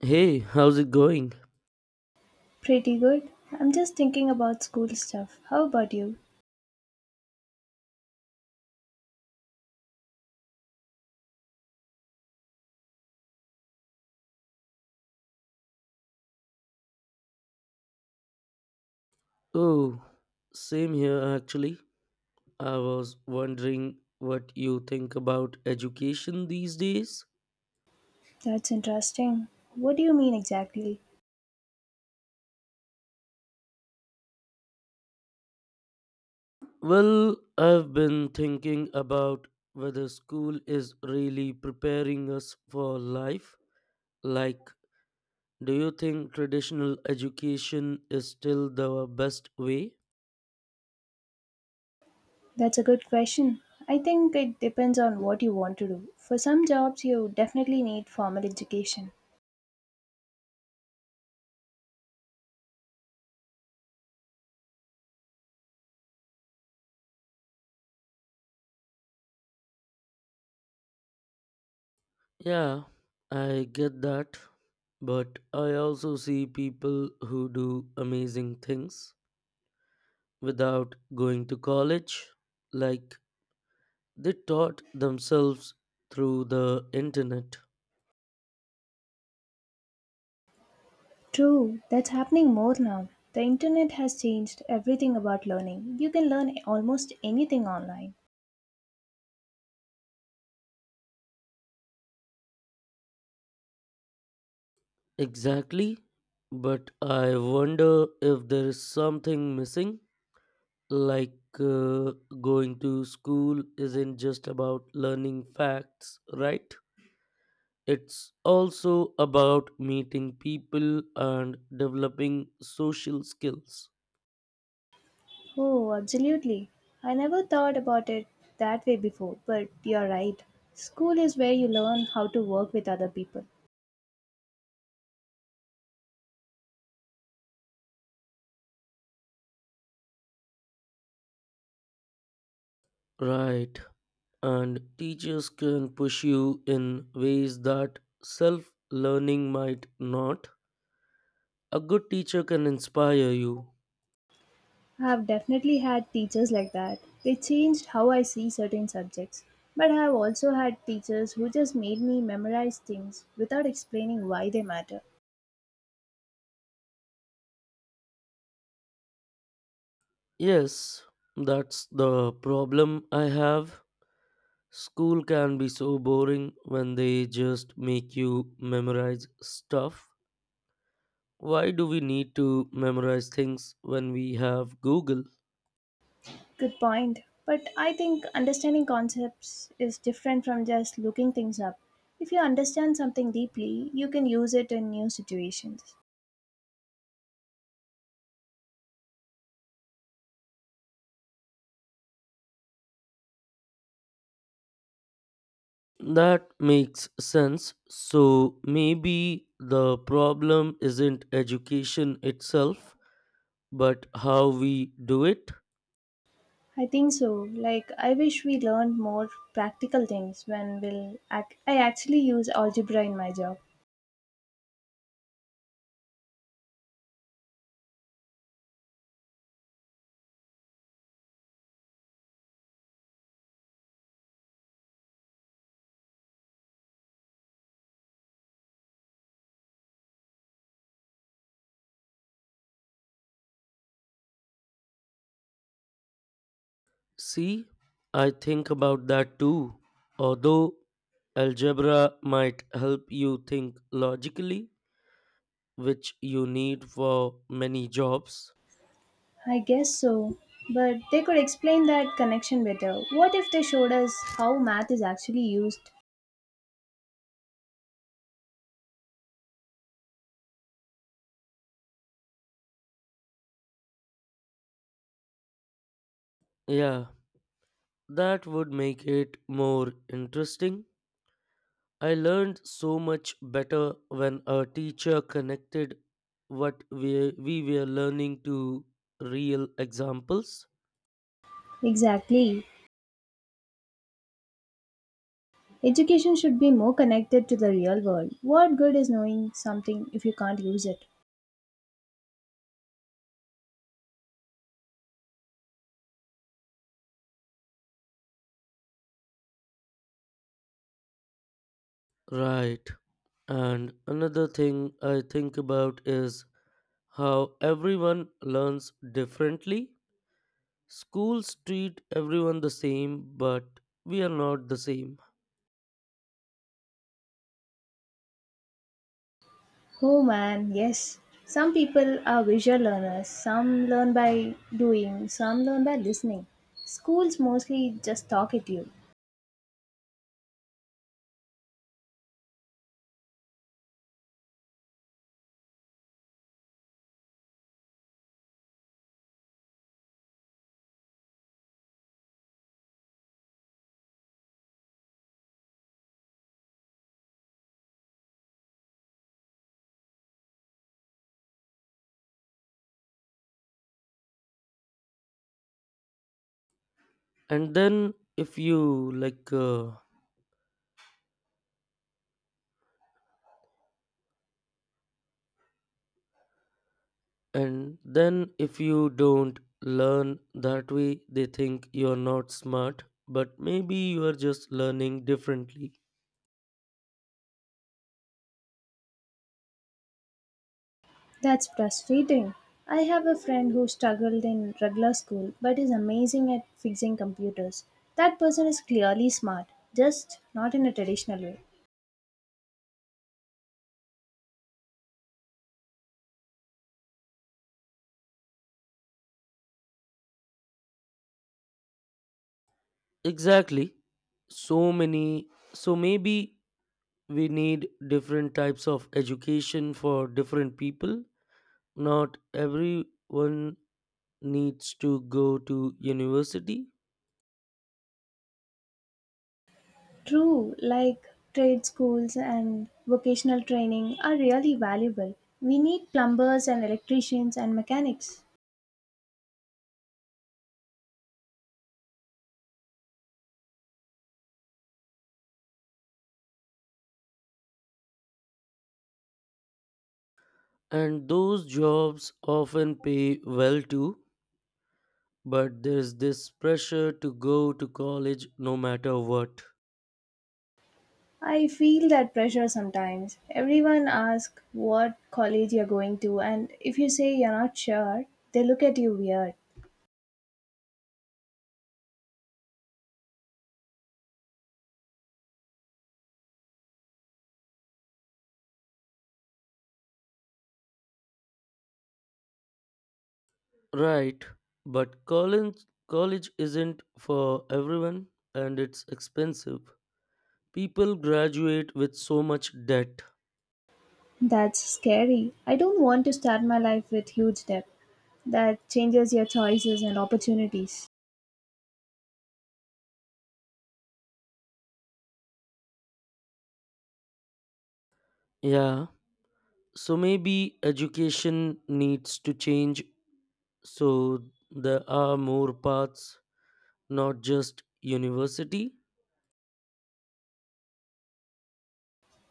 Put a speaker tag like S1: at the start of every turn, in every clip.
S1: Hey, how's it going?
S2: Pretty good. I'm just thinking about school stuff. How about you?
S1: Oh, same here actually. I was wondering what you think about education these days.
S2: That's interesting. What do you mean exactly?
S1: Well, I've been thinking about whether school is really preparing us for life. Like, do you think traditional education is still the best way?
S2: That's a good question. I think it depends on what you want to do. For some jobs, you definitely need formal education.
S1: Yeah, I get that. But I also see people who do amazing things without going to college. Like they taught themselves through the internet.
S2: True, that's happening more now. The internet has changed everything about learning. You can learn almost anything online.
S1: Exactly. But I wonder if there is something missing. Like uh, Going to school isn't just about learning facts, right? It's also about meeting people and developing social skills.
S2: Oh, absolutely. I never thought about it that way before, but you're right. School is where you learn how to work with other people.
S1: Right, and teachers can push you in ways that self learning might not. A good teacher can inspire you.
S2: I have definitely had teachers like that. They changed how I see certain subjects. But I have also had teachers who just made me memorize things without explaining why they matter.
S1: Yes, that's the problem I have. School can be so boring when they just make you memorize stuff. Why do we need to memorize things when we have Google?
S2: Good point. But I think understanding concepts is different from just looking things up. If you understand something deeply, you can use it in new situations.
S1: That makes sense. So maybe the problem isn't education itself, but how we do it?
S2: I think so. Like, I wish we learned more practical things when I actually use algebra in my job.
S1: See, I think about that too. Although algebra might help you think logically, which you need for many jobs.
S2: I guess so. But they could explain that connection better. What if they showed us how math is actually used?
S1: Yeah, that would make it more interesting. I learned so much better when a teacher connected what we were learning to real examples.
S2: Exactly. Education should be more connected to the real world. What good is knowing something if you can't use it?
S1: Right. And another thing I think about is how everyone learns differently. Schools treat everyone the same, but we are not the same.
S2: Oh man, yes. Some people are visual learners, some learn by doing, some learn by listening. Schools mostly just talk at you.
S1: And then if and then if you don't learn that way, they think you are not smart, but maybe you are just learning differently.
S2: That's frustrating. I have a friend who struggled in regular school but is amazing at fixing computers. That person is clearly smart, just not in a traditional way.
S1: Exactly. So maybe we need different types of education for different people. Not everyone needs to go to university,
S2: True, like trade schools and vocational training are really valuable. We need plumbers and electricians and mechanics.
S1: and those jobs often pay well too, but there's this pressure to go to college no matter what.
S2: I feel that pressure sometimes. Everyone asks what college you're going to, and if you say you're not sure, they look at you weird.
S1: Right, but college isn't for everyone, and it's expensive. People graduate with so much debt.
S2: That's scary. I don't want to start my life with huge debt. That changes your choices and opportunities.
S1: Yeah, so maybe education needs to change so there are more paths, not just university.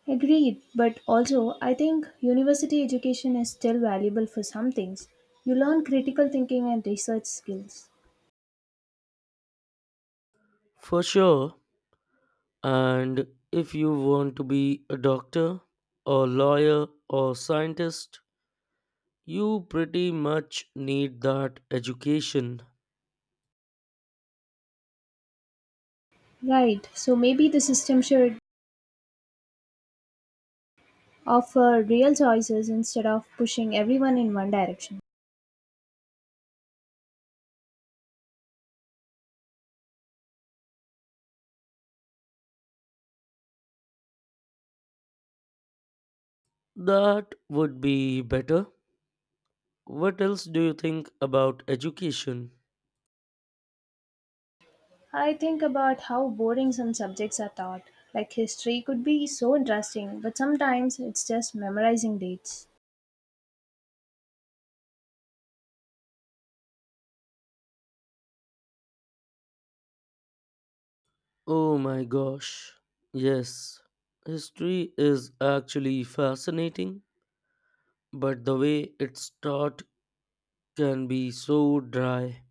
S2: Agreed, but also I think university education is still valuable for some things. You learn critical thinking and research skills.
S1: For sure. And if you want to be a doctor, a lawyer, or scientist, you pretty much need that education.
S2: Right, so maybe the system should offer real choices instead of pushing everyone in one direction.
S1: That would be better. What else do you think about education?
S2: I think about how boring some subjects are taught. Like history could be so interesting, but sometimes it's just memorizing dates.
S1: Oh my gosh. Yes, history is actually fascinating, but the way it's taught can be so dry.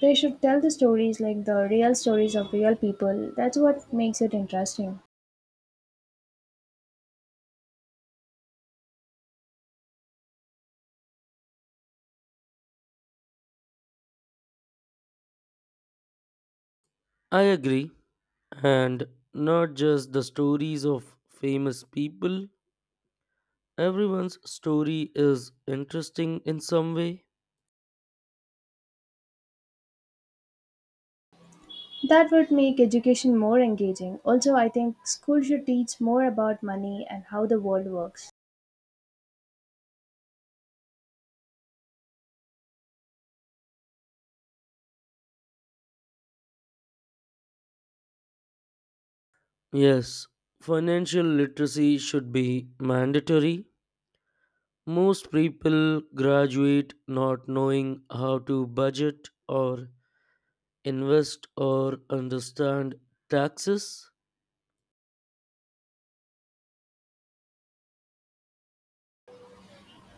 S2: They should tell the stories like the real stories of real people. That's what makes it interesting.
S1: I agree. And not just the stories of famous people, everyone's story is interesting in some way.
S2: That would make education more engaging. Also, I think school should teach more about money and how the world works.
S1: Yes, financial literacy should be mandatory. Most people graduate not knowing how to budget or invest or understand taxes.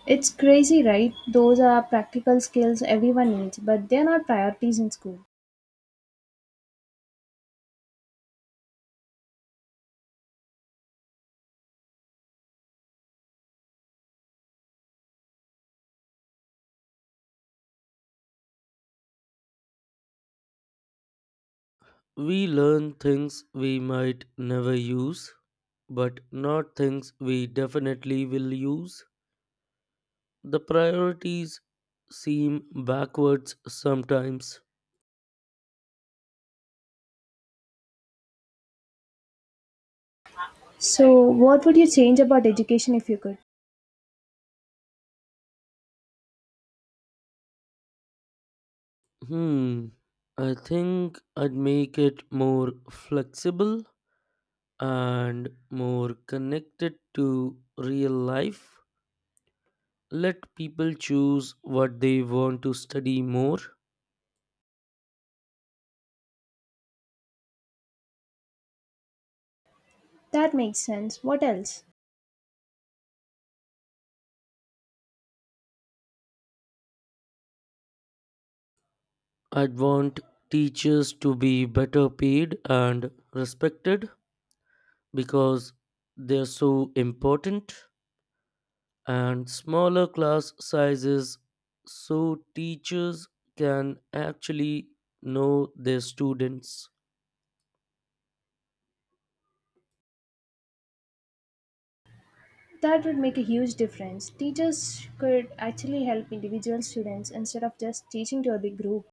S2: It's crazy, right? Those are practical skills everyone needs, but they're not priorities in school.
S1: We learn things we might never use, but not things we definitely will use. The priorities seem backwards sometimes.
S2: So, what would you change about education if you could?
S1: Hmm. I think I'd make it more flexible and more connected to real life. Let people choose what they want to study more.
S2: That makes sense. What else?
S1: I'd want teachers to be better paid and respected, because they're so important, and smaller class sizes so teachers can actually know their students.
S2: That would make a huge difference. Teachers could actually help individual students instead of just teaching to a big group.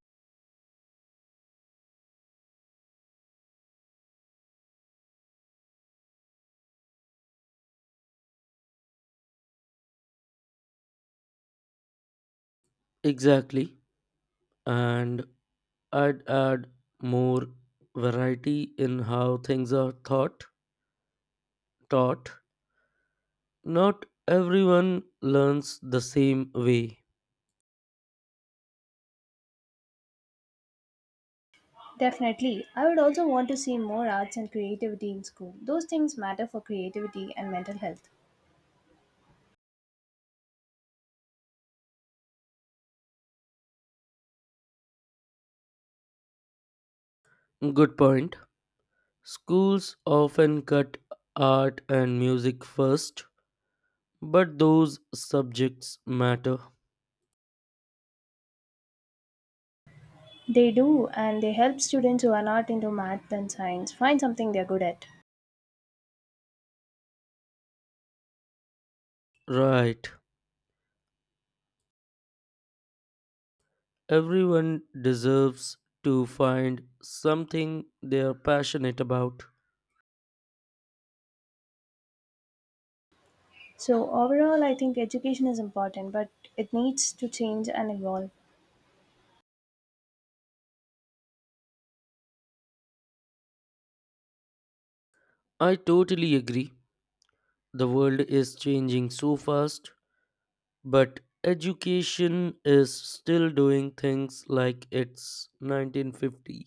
S1: Exactly. And I'd add more variety in how things are thought, taught. Not everyone learns the same way.
S2: Definitely. I would also want to see more arts and creativity in school. Those things matter for creativity and mental health.
S1: Good point. Schools often cut art and music first, but those subjects matter.
S2: They do, and they help students who are not into math and science find something they're good at.
S1: Right. Everyone deserves to find something they are passionate about.
S2: So, overall, I think education is important, but it needs to change and evolve.
S1: I totally agree. The world is changing so fast, but education is still doing things like it's 1950.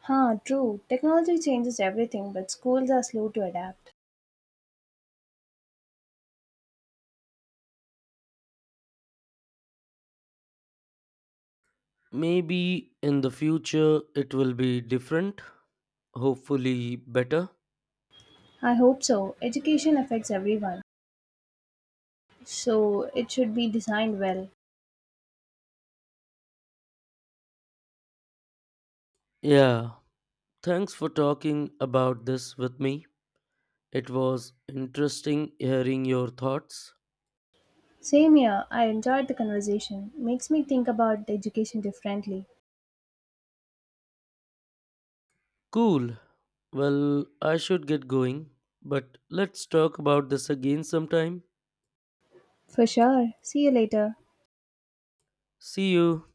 S2: Huh, true. Technology changes everything, but schools are slow to adapt.
S1: Maybe in the future it will be different, hopefully better.
S2: I hope so. Education affects everyone, so it should be designed well.
S1: Yeah, thanks for talking about this with me. It was interesting hearing your thoughts.
S2: Same here, I enjoyed the conversation. Makes me think about education differently.
S1: Cool. Well, I should get going, but let's talk about this again sometime.
S2: For sure. See you later.
S1: See you.